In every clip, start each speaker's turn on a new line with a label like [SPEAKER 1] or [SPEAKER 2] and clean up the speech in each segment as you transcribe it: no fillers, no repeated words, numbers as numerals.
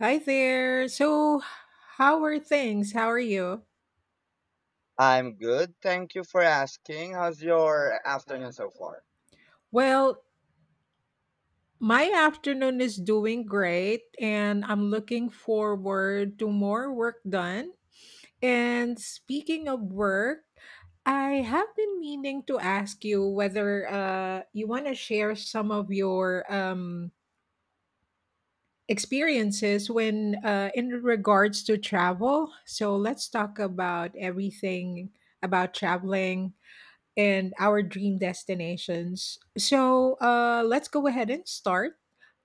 [SPEAKER 1] Hi there. So, how are things? How are you?
[SPEAKER 2] I'm good. Thank you for asking. How's your afternoon so far?
[SPEAKER 1] Well, my afternoon is doing great, and I'm looking forward to more work done. And speaking of work, I have been meaning to ask you whether you want to share some of your experiences when in regards to travel. So let's talk about everything about traveling and our dream destinations. So let's go ahead and start.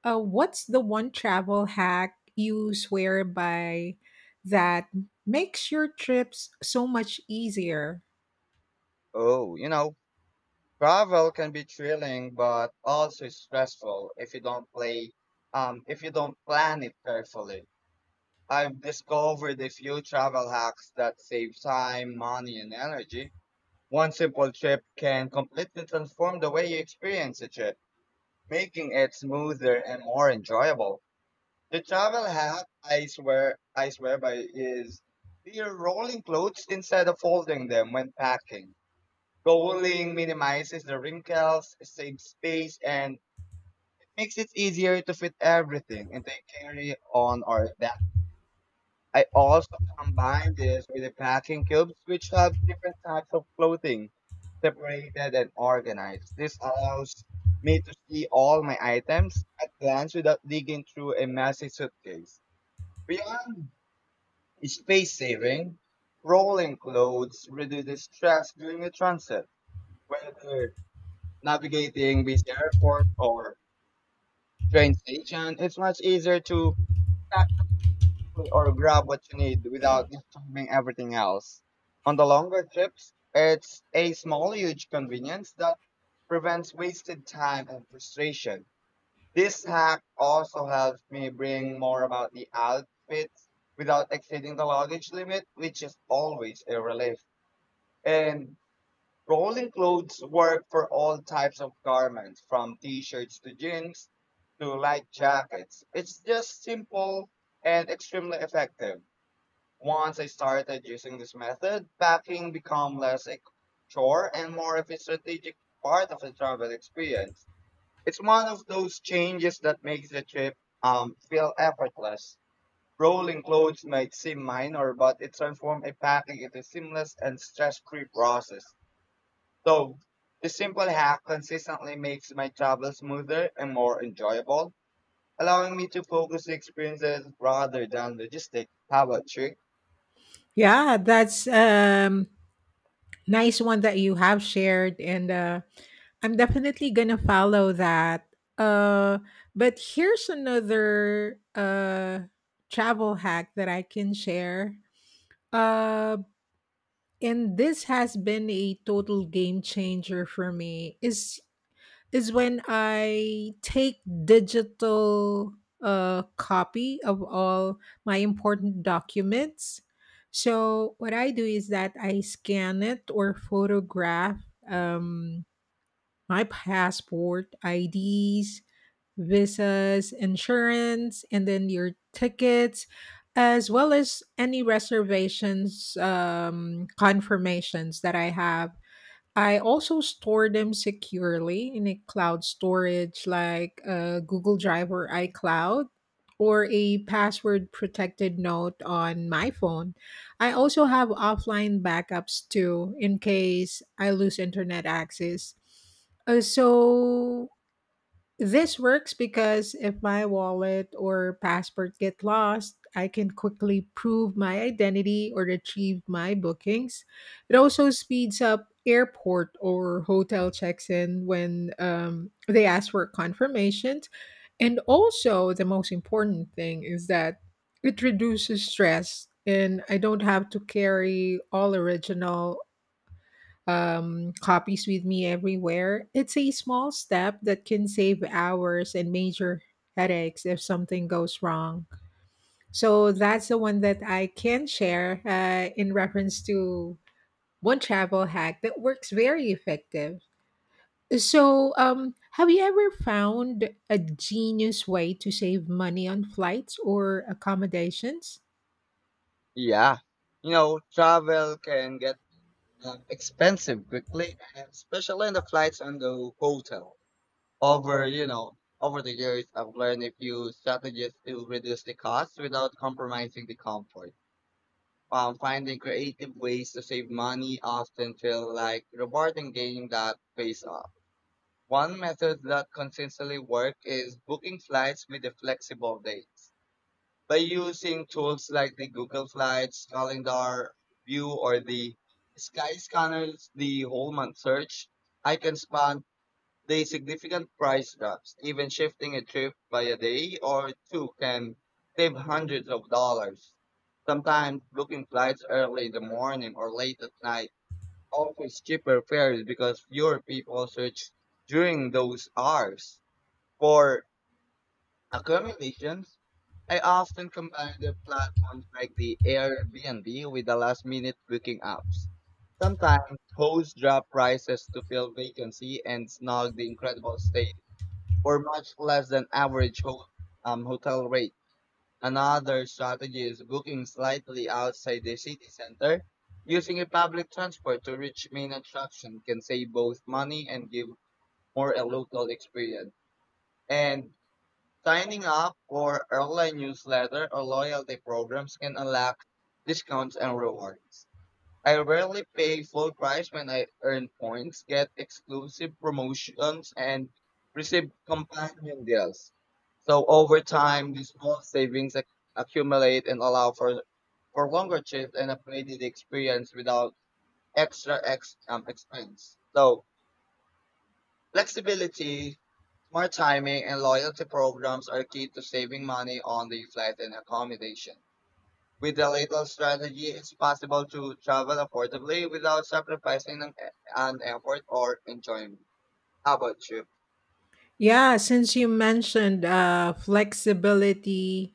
[SPEAKER 1] What's the one travel hack you swear by that makes your trips so much easier?
[SPEAKER 2] Oh, you know, travel can be thrilling, but also stressful if you don't plan it carefully. I've discovered a few travel hacks that save time, money, and energy. One simple trip can completely transform the way you experience a trip, making it smoother and more enjoyable. The travel hack I swear by is you're rolling clothes instead of folding them when packing. Rolling minimizes the wrinkles, saves space, and makes it easier to fit everything into a carry on or bag. I also combine this with the packing cubes, which have different types of clothing separated and organized. This allows me to see all my items at glance without digging through a messy suitcase. Beyond space saving. Rolling clothes reduces stress during a transit. Whether navigating busy airport or train station, it's much easier to pack or grab what you need without disturbing everything else. On the longer trips, it's a small, huge convenience that prevents wasted time and frustration. This hack also helps me bring more about the outfits without exceeding the luggage limit, which is always a relief. And rolling clothes work for all types of garments, from t-shirts to jeans to light jackets. It's just simple and extremely effective. Once I started using this method, packing became less a chore and more of a strategic part of the travel experience. It's one of those changes that makes the trip feel effortless. Rolling clothes might seem minor, but it transforms a packing into a seamless and stress-free process. So, this simple hack consistently makes my travel smoother and more enjoyable, allowing me to focus on experiences rather than logistics. How about you?
[SPEAKER 1] Yeah, that's nice one that you have shared, and I'm definitely going to follow that. Uh but here's another travel hack that I can share. Uh and this has been a total game changer for me is when I take digital copy of all my important documents. So what I do is that I scan it or photograph my passport, IDs, visas, insurance, and then your tickets, as well as any reservations, confirmations that I have. I also store them securely in a cloud storage like Google Drive or iCloud or a password protected note on my phone. I also have offline backups too in case I lose internet access. So this works because if my wallet or passport get lost, I can quickly prove my identity or retrieve my bookings. It also speeds up airport or hotel checks in when they ask for confirmations. And also, the most important thing is that it reduces stress and I don't have to carry all original copies with me everywhere. It's a small step that can save hours and major headaches if something goes wrong. So that's the one that I can share in reference to one travel hack that works very effective. So, have you ever found a genius way to save money on flights or accommodations?
[SPEAKER 2] Yeah, you know, travel can get expensive quickly, and especially in the flights and the hotel. Over the years, I've learned a few strategies to reduce the cost without compromising the comfort. Finding creative ways to save money often feel like rewarding game that pays off. One method that consistently works is booking flights with a flexible dates. By using tools like the Google Flights, Calendar, View, or the Skyscanner's the whole month search, I can spot the significant price drops. Even shifting a trip by a day or two can save hundreds of dollars. Sometimes booking flights early in the morning or late at night offers cheaper fares because fewer people search during those hours. For accommodations, I often combine the platforms like the Airbnb with the last minute booking apps. Sometimes hosts drop prices to fill vacancy and snag the incredible stay for much less than average hotel rates. Another strategy is booking slightly outside the city center. Using a public transport to reach main attraction can save both money and give more a local experience. And signing up for airline newsletter or loyalty programs can unlock discounts and rewards. I rarely pay full price when I earn points, get exclusive promotions, and receive companion deals. So over time, these small savings accumulate and allow for longer trips and upgraded experience without extra expense. So flexibility, smart timing, and loyalty programs are key to saving money on the flight and accommodation. With a little strategy, it's possible to travel affordably without sacrificing an effort or enjoyment. How about you?
[SPEAKER 1] Yeah, since you mentioned flexibility,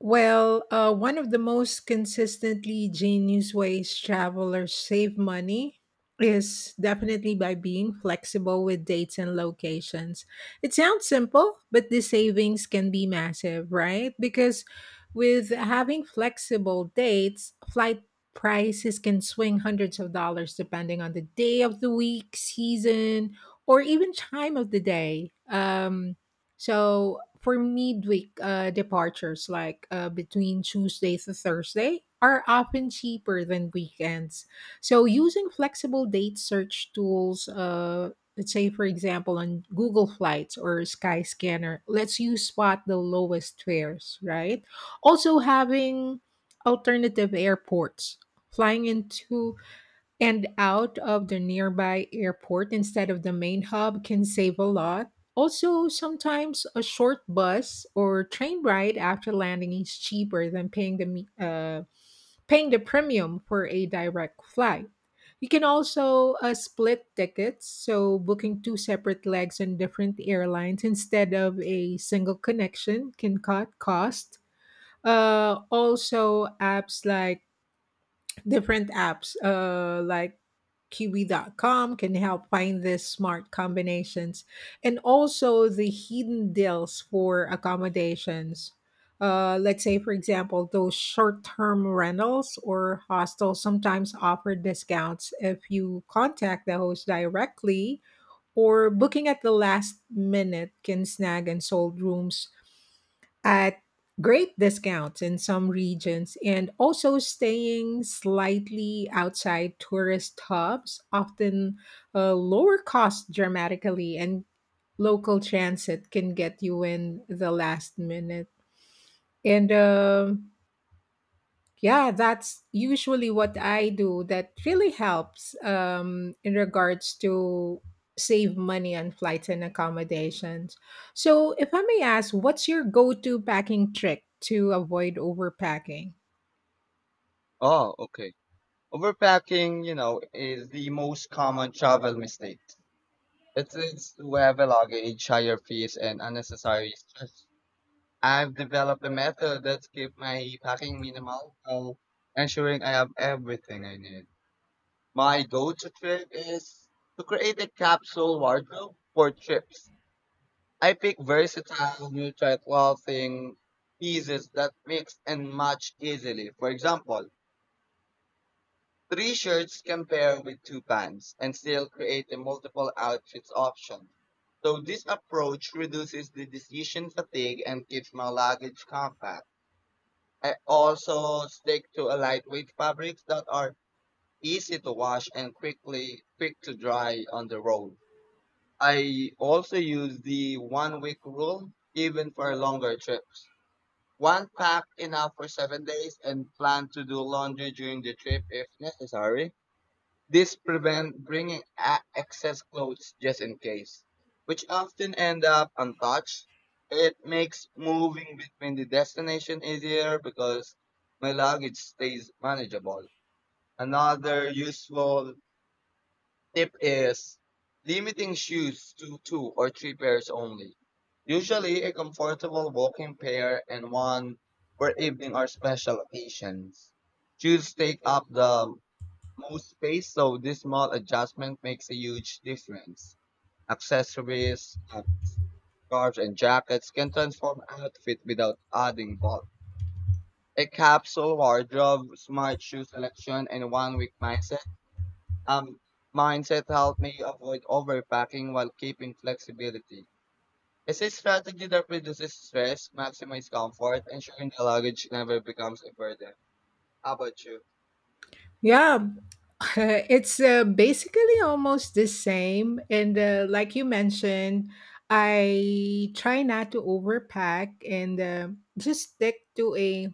[SPEAKER 1] well, one of the most consistently genius ways travelers save money is definitely by being flexible with dates and locations. It sounds simple, but the savings can be massive, right? Because with having flexible dates, flight prices can swing hundreds of dollars depending on the day of the week, season, or even time of the day. So for midweek departures, like between Tuesday to Thursday, are often cheaper than weekends. So using flexible date search tools, let's say for example on Google Flights or Skyscanner, lets you spot the lowest fares. Right. Also having alternative airports. Flying into and out of the nearby airport instead of the main hub can save a lot. Also, sometimes a short bus or train ride after landing is cheaper than paying the paying the premium for a direct flight. You can also split tickets, so booking two separate legs on different airlines instead of a single connection can cut cost. Also, apps like Different apps like Kiwi.com can help find these smart combinations and also the hidden deals for accommodations. Let's say, for example, those short term rentals or hostels sometimes offer discounts if you contact the host directly, or booking at the last minute can snag and sold rooms at great discounts in some regions, and also staying slightly outside tourist hubs often lower cost dramatically, and local transit can get you in the last minute. And yeah, that's usually what I do. That really helps in regards to save money on flights and accommodations. So, if I may ask, what's your go to packing trick to avoid overpacking?
[SPEAKER 2] Oh, okay. Overpacking, is the most common travel mistake. It leads to heavy luggage, higher fees, and unnecessary stress. I've developed a method that keeps my packing minimal while ensuring I have everything I need. My go-to trick is to create a capsule wardrobe for trips. I pick versatile neutral clothing pieces that mix and match easily. For example, three shirts can pair with two pants and still create a multiple outfits option. So this approach reduces the decision fatigue and keeps my luggage compact. I also stick to a lightweight fabrics that are easy to wash and quick to dry on the road. I also use the 1 week rule even for longer trips. One pack enough for 7 days and plan to do laundry during the trip if necessary. This prevents bringing excess clothes just in case, which often end up untouched. It makes moving between the destination easier because my luggage stays manageable. Another useful tip is limiting shoes to two or three pairs only. Usually a comfortable walking pair and one for evening or special occasions. Shoes take up the most space, so this small adjustment makes a huge difference. Accessories, scarves, and jackets can transform outfit without adding bulk. A capsule wardrobe, smart shoe selection, and 1 week um, mindset helped me avoid overpacking while keeping flexibility. It's a strategy that reduces stress, maximizes comfort, ensuring the luggage never becomes a burden. How about you?
[SPEAKER 1] Yeah, it's basically almost the same. And like you mentioned, I try not to overpack, and just stick to a,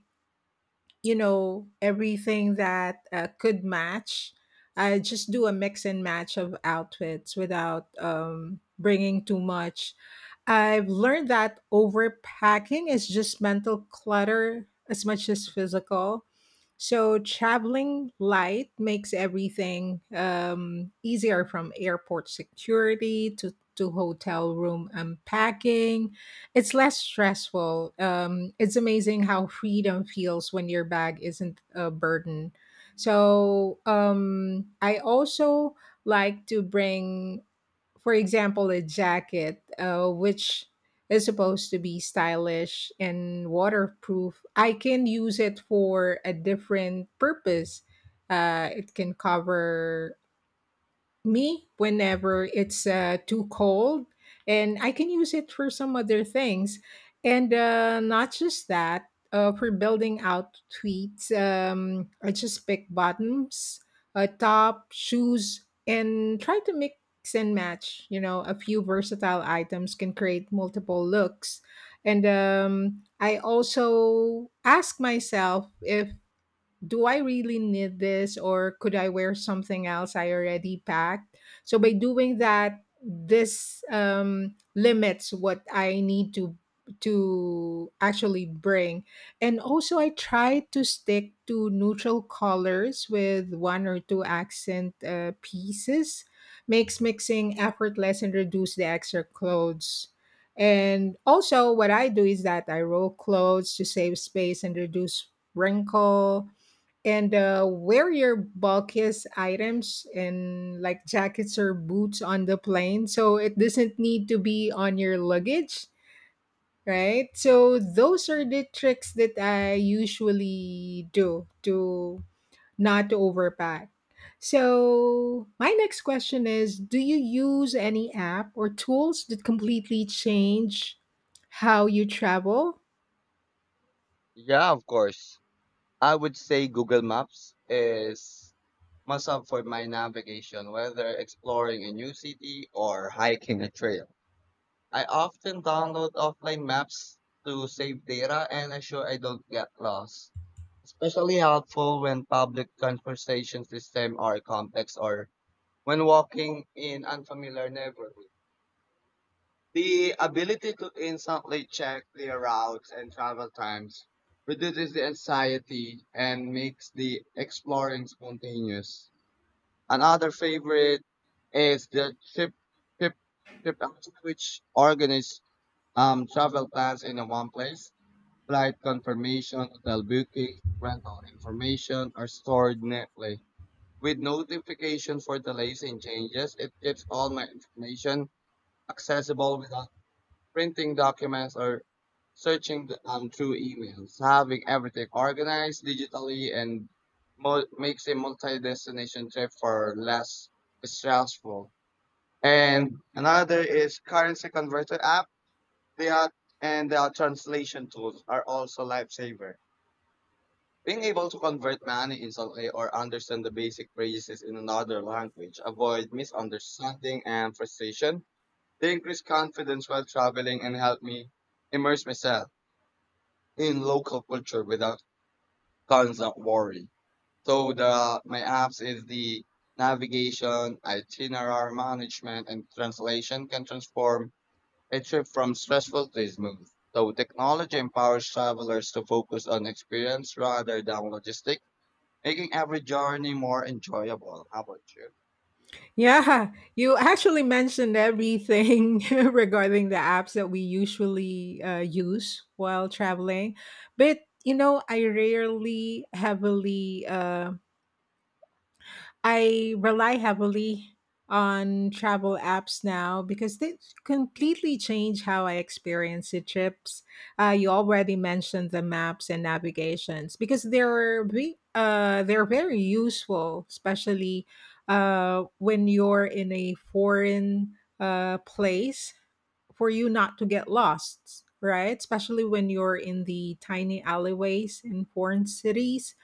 [SPEAKER 1] you know, everything that could match. I just do a mix and match of outfits without bringing too much. I've learned that overpacking is just mental clutter as much as physical, so traveling light makes everything easier, from airport security to hotel room unpacking. It's less stressful. It's amazing how freedom feels when your bag isn't a burden. So I also like to bring, for example, a jacket, which is supposed to be stylish and waterproof. I can use it for a different purpose. It can cover me whenever it's too cold, and I can use it for some other things. And not just that, for building out tweets, I just pick bottoms, a top, shoes, and try to mix and match. You know, a few versatile items can create multiple looks. And I also ask myself, if do I really need this, or could I wear something else I already packed? So by doing that, this limits what I need to actually bring. And also I try to stick to neutral colors with one or two accent pieces. Makes mixing effortless and reduce the extra clothes. And also what I do is that I roll clothes to save space and reduce wrinkle, and wear your bulkiest items, and like jackets or boots, on the plane so it doesn't need to be on your luggage, right? So those are the tricks that I usually do to not overpack. So my next question is, do you use any app or tools that completely change how you travel?
[SPEAKER 2] Yeah, of course. I would say Google Maps is must have for my navigation, whether exploring a new city or hiking a trail. I often download offline maps to save data and ensure I don't get lost. Especially helpful when public conversation systems are complex or when walking in unfamiliar neighborhoods. The ability to instantly check their routes and travel times reduces the anxiety and makes the exploring spontaneous. Another favorite is the trip trip out, which organizes travel plans in one place. Flight confirmation, hotel bookings, rental information are stored neatly. With notification for delays and changes, it keeps all my information accessible without printing documents or searching through emails. Having everything organized digitally and makes a multi-destination trip for less stressful. And another is currency converter app. They are and their translation tools are also lifesaver. Being able to convert money instantly or understand the basic phrases in another language avoid misunderstanding and frustration. They increase confidence while traveling and help me immerse myself in local culture without constant worry. So the my apps is the navigation, itinerary management, and translation can transform a trip from stressful to smooth. So technology empowers travelers to focus on experience rather than logistics making every journey more enjoyable. How about you?
[SPEAKER 1] Yeah, you actually mentioned everything regarding the apps that we usually use while traveling. But, you know, I rely heavily on travel apps now because they completely change how I experience the trips. You already mentioned the maps and navigations because they're very useful, especially when you're in a foreign place, for you not to get lost, right? Especially when you're in the tiny alleyways in foreign cities.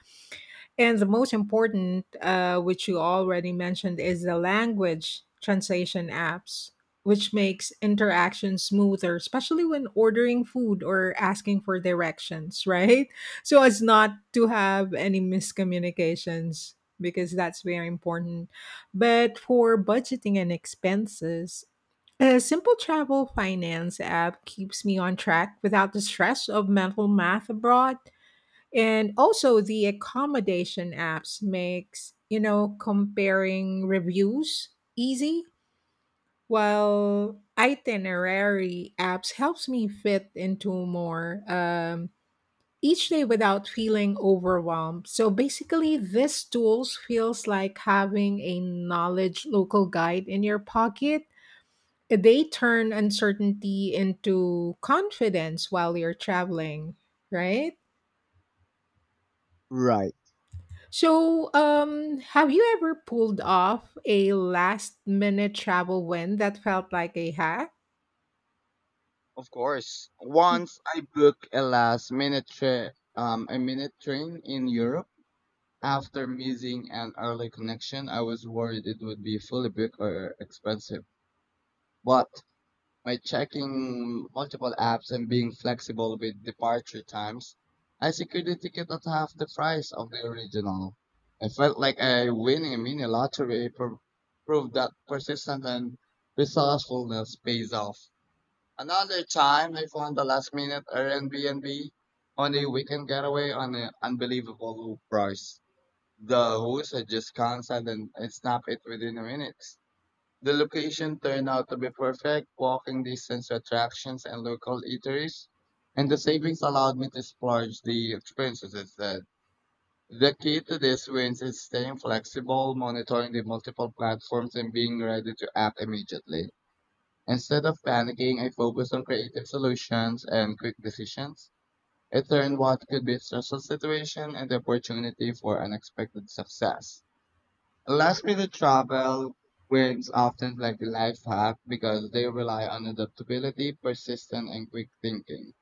[SPEAKER 1] And the most important, which you already mentioned, is the language translation apps, which makes interaction smoother, especially when ordering food or asking for directions, right? So as not to have any miscommunications, because that's very important. But for budgeting and expenses, a simple travel finance app keeps me on track without the stress of mental math abroad. And also the accommodation apps makes, you know, comparing reviews easy, while itinerary apps helps me fit into more each day without feeling overwhelmed. So basically this tools feels like having a knowledge local guide in your pocket. They turn uncertainty into confidence while you're traveling, right?
[SPEAKER 2] Right.
[SPEAKER 1] So, have you ever pulled off a last minute travel win that felt like a hack?
[SPEAKER 2] Of course.
[SPEAKER 1] Mm.
[SPEAKER 2] Once I booked a last minute trip, a minute train in Europe. After missing an early connection, I was worried it would be fully booked or expensive. But by checking multiple apps and being flexible with departure times, I secured a ticket at half the price of the original. I felt like I winning a mini lottery proved that persistence and resourcefulness pays off. Another time, I found a last-minute Airbnb on a weekend getaway on an unbelievable price. The host had just canceled and I snapped it within a minute. The location turned out to be perfect, walking distance to attractions and local eateries, and the savings allowed me to splurge the experiences instead. The key to these wins is staying flexible, monitoring the multiple platforms, and being ready to act immediately. Instead of panicking, I focused on creative solutions and quick decisions. It turned what could be a stressful situation into opportunity for unexpected success. Last minute travel wins often like a life hack because they rely on adaptability, persistence, and quick thinking.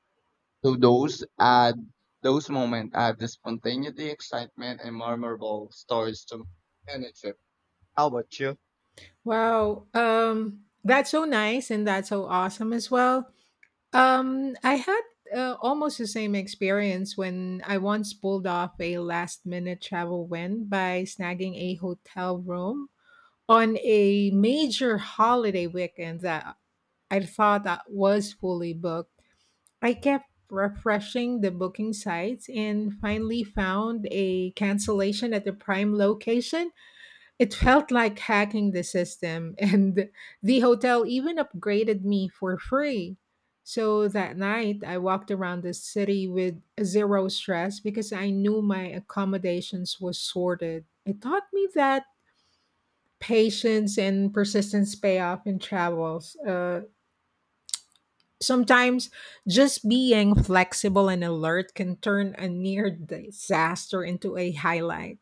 [SPEAKER 2] So those moments add the spontaneity, excitement, and memorable stories to any trip. How about you?
[SPEAKER 1] Wow, that's so nice and that's so awesome as well. I had almost the same experience when I once pulled off a last minute travel win by snagging a hotel room on a major holiday weekend that I thought that was fully booked. I kept refreshing the booking sites and finally found a cancellation at the prime location. It felt like hacking the system, and the hotel even upgraded me for free. So that night, I walked around the city with zero stress because I knew my accommodations was sorted. It taught me that patience and persistence pay off in travels. Sometimes just being flexible and alert can turn a near disaster into a highlight.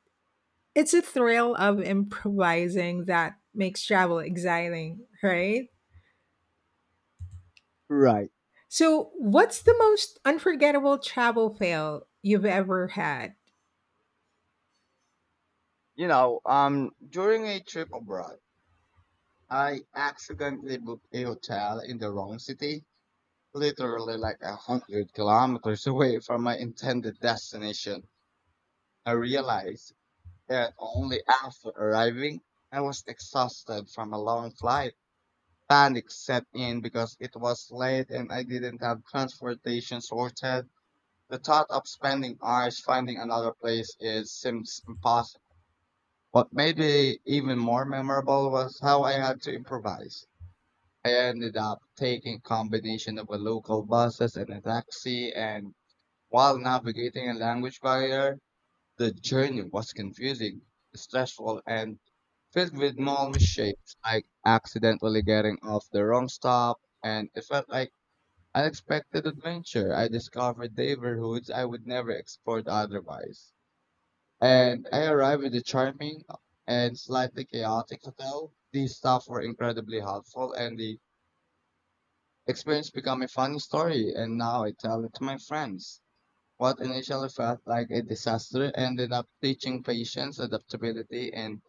[SPEAKER 1] It's a thrill of improvising that makes travel exciting, right?
[SPEAKER 2] Right.
[SPEAKER 1] So, what's the most unforgettable travel fail you've ever had?
[SPEAKER 2] You know, during a trip abroad, I accidentally booked a hotel in the wrong city, literally like 100 kilometers away from my intended destination. I realized and only after arriving, I was exhausted from a long flight. Panic set in because it was late and I didn't have transportation sorted. The thought of spending hours finding another place is seems impossible. What made it even more memorable was how I had to improvise. I ended up taking combination of a local buses and a taxi and while navigating a language barrier, the journey was confusing, stressful, and filled with small misshapes, like accidentally getting off the wrong stop, and it felt like unexpected adventure. I discovered neighborhoods I would never explored otherwise. And I arrived at a charming and slightly chaotic hotel. The staff were incredibly helpful, and the experience became a funny story, and now I tell it to my friends. What initially felt like a disaster ended up teaching patience, adaptability, and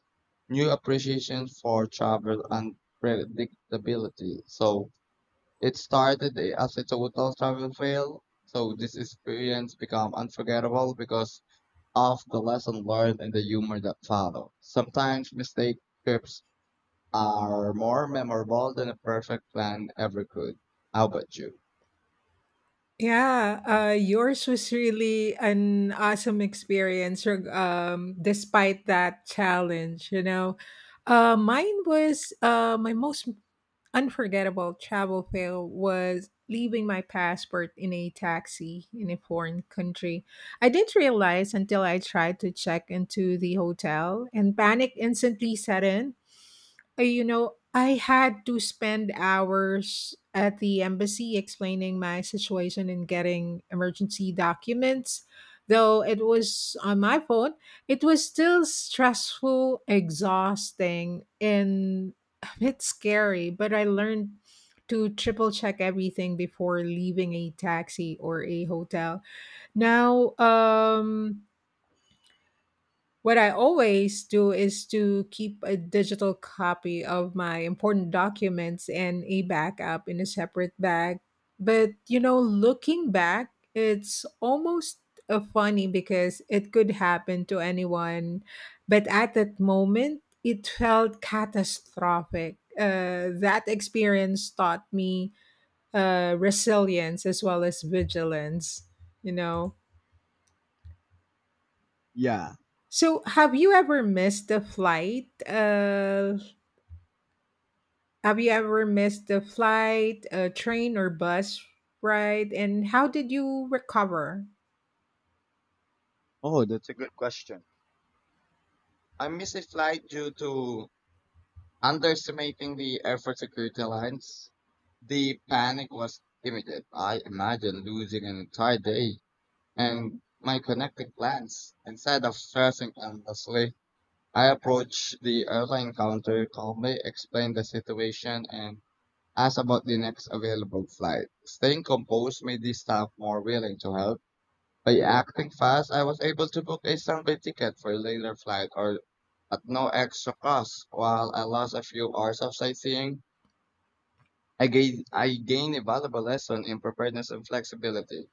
[SPEAKER 2] new appreciation for travel and predictability. So it started as a total travel fail. So this experience became unforgettable because of the lesson learned and the humor that followed. Sometimes mistake trips are more memorable than a perfect plan ever could. How about you?
[SPEAKER 1] Yeah, yours was really an awesome experience, despite that challenge, you know. Mine was, my most unforgettable travel fail was leaving my passport in a taxi in a foreign country. I didn't realize until I tried to check into the hotel, and panic instantly set in. You know, I had to spend hours at the embassy explaining my situation and getting emergency documents. Though it was on my phone, it was still stressful, exhausting, and a bit scary. But I learned to triple check everything before leaving a taxi or a hotel. Now, what I always do is to keep a digital copy of my important documents and a backup in a separate bag. But, you know, looking back, it's almost funny because it could happen to anyone. But at that moment, it felt catastrophic. That experience taught me resilience as well as vigilance, you know?
[SPEAKER 2] Yeah.
[SPEAKER 1] So, have you ever missed the flight? Have you ever missed the flight, a train or bus ride? And how did you recover?
[SPEAKER 2] Oh, that's a good question. I missed a flight due to underestimating the airport security lines. The panic was immediate. I imagined losing an entire day and my connected plans. Instead of stressing endlessly, I approached the airline counter calmly, explained the situation, and asked about the next available flight. Staying composed made the staff more willing to help by acting fast, I was able to book a Sunday ticket for a later flight or at no extra cost. While I lost a few hours of sightseeing, I gained a valuable lesson in preparedness and flexibility.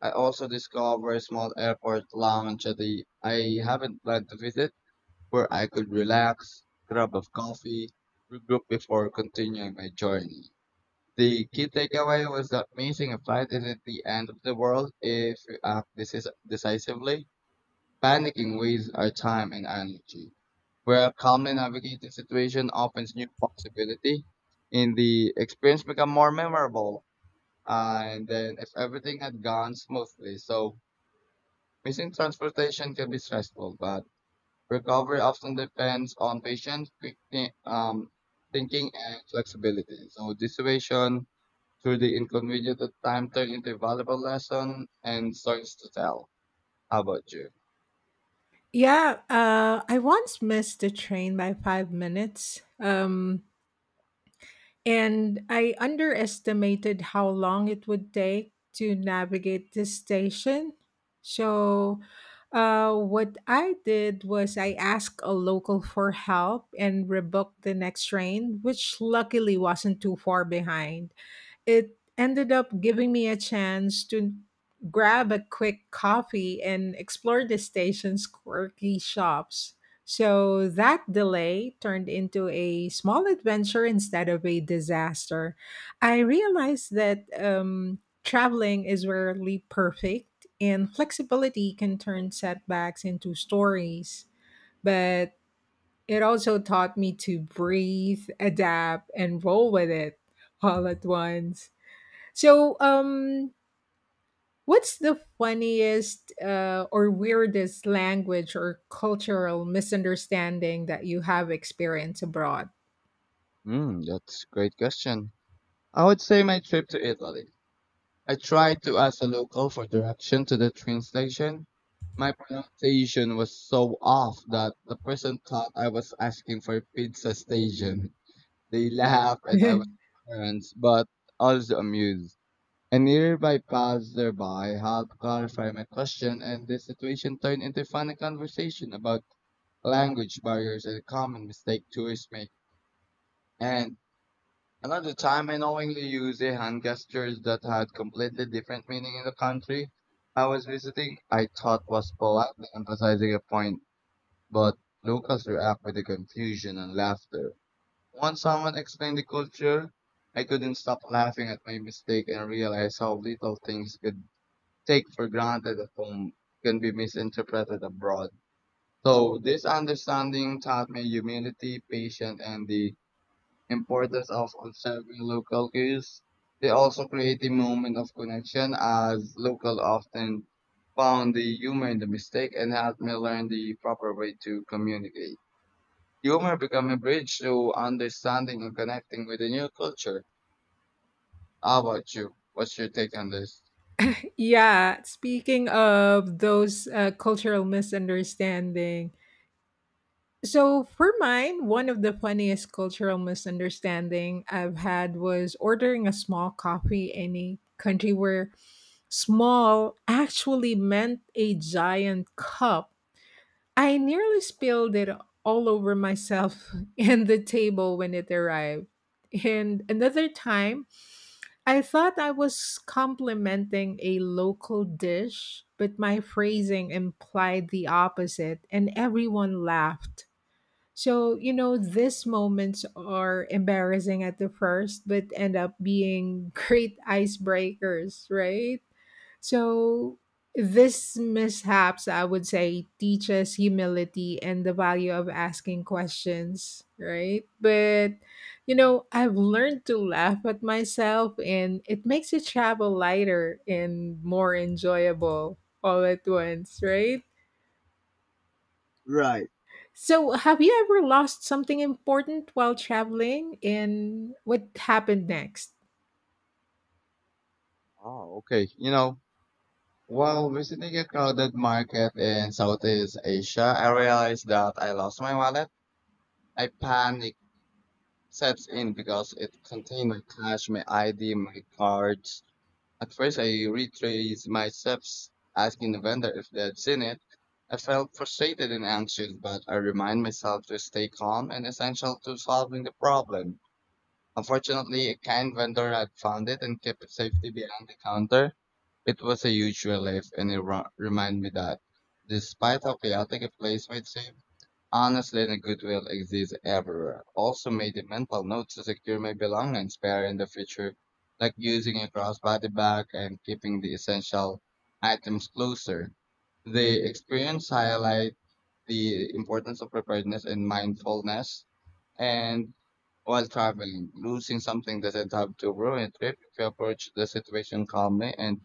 [SPEAKER 2] I also discovered a small airport lounge that I haven't planned to visit where I could relax, grab a coffee, regroup before continuing my journey. The key takeaway was that missing a flight isn't the end of the world if you act decisively. Panicking wastes our time and energy, where calmly navigating the situation opens new possibility and the experience become more memorable and then if everything had gone smoothly. So missing transportation can be stressful, but recovery often depends on patience, thinking and flexibility. So this situation through the inconvenient at time turned into a valuable lesson and stories to tell. How about you?
[SPEAKER 1] Yeah, I once missed the train by 5 minutes. And I underestimated how long it would take to navigate this station. So, what I did was I asked a local for help and rebooked the next train, which luckily wasn't too far behind. It ended up giving me a chance to grab a quick coffee and explore the station's quirky shops. So that delay turned into a small adventure instead of a disaster. I realized that traveling is rarely perfect, and flexibility can turn setbacks into stories. But it also taught me to breathe, adapt, and roll with it all at once. So, what's the funniest or weirdest language or cultural misunderstanding that you have experienced abroad?
[SPEAKER 2] Hmm, that's a great question. I would say my trip to Italy. I tried to ask a local for direction to the train station. My pronunciation was so off that the person thought I was asking for a pizza station. They laughed and I was embarrassed, but also amused. A nearby passerby helped clarify my question, and the situation turned into a funny conversation about language barriers and common mistakes tourists make. And another time I knowingly used a hand gestures that had completely different meaning in the country I was visiting. I thought was politely emphasizing a point, but locals react with the confusion and laughter. Once someone explained the culture, I couldn't stop laughing at my mistake and realized how little things could take for granted at home can be misinterpreted abroad. So this understanding taught me humility, patience, and the importance of observing local cues. They also create a moment of connection as local often found the humor in the mistake and helped me learn the proper way to communicate. Humor become a bridge to understanding and connecting with a new culture. How about you? What's your take on this?
[SPEAKER 1] Yeah, speaking of those cultural misunderstanding. So for mine, one of the funniest cultural misunderstanding I've had was ordering a small coffee in a country where small actually meant a giant cup. I nearly spilled it all over myself and the table when it arrived. And another time, I thought I was complimenting a local dish, but my phrasing implied the opposite, and everyone laughed. So, you know, these moments are embarrassing at the first, but end up being great icebreakers, right? So this mishaps, I would say, teaches humility and the value of asking questions, right? But you know, I've learned to laugh at myself and it makes it travel lighter and more enjoyable all at once, right?
[SPEAKER 2] Right.
[SPEAKER 1] So have you ever lost something important while traveling, and what happened next?
[SPEAKER 2] Oh, okay. You know, while visiting a crowded market in Southeast Asia, I realized that I lost my wallet. I panicked sets in because it contained my cash, my ID, my cards. At first, I retraced my steps, asking the vendor if they had seen it. I felt frustrated and anxious, but I remind myself to stay calm and essential to solving the problem. Unfortunately, a kind vendor had found it and kept it safely behind the counter. It was a huge relief and it reminded me that, despite how chaotic a place might seem, honestly and goodwill exists everywhere. Also made a mental note to secure my belongings better in the future, like using a crossbody bag and keeping the essential items closer. The experience highlight the importance of preparedness and mindfulness and while traveling, losing something doesn't have to ruin a trip if you approach the situation calmly and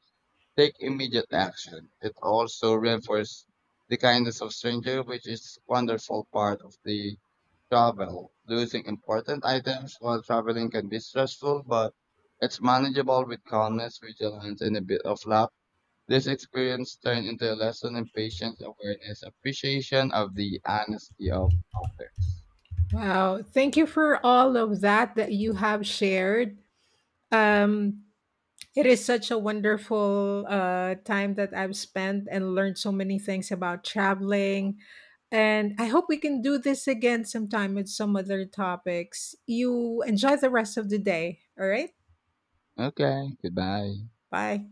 [SPEAKER 2] take immediate action. It also reinforces the kindness of stranger, which is wonderful part of the travel. Losing important items while traveling can be stressful, but it's manageable with calmness, vigilance, and a bit of luck. This experience turned into a lesson in patience, awareness, appreciation of the honesty of others.
[SPEAKER 1] Wow, thank you for all of that that you have shared. Um It is such a wonderful time that I've spent and learned so many things about traveling. And I hope we can do this again sometime with some other topics. You enjoy the rest of the day. All right.
[SPEAKER 2] Okay, goodbye.
[SPEAKER 1] Bye.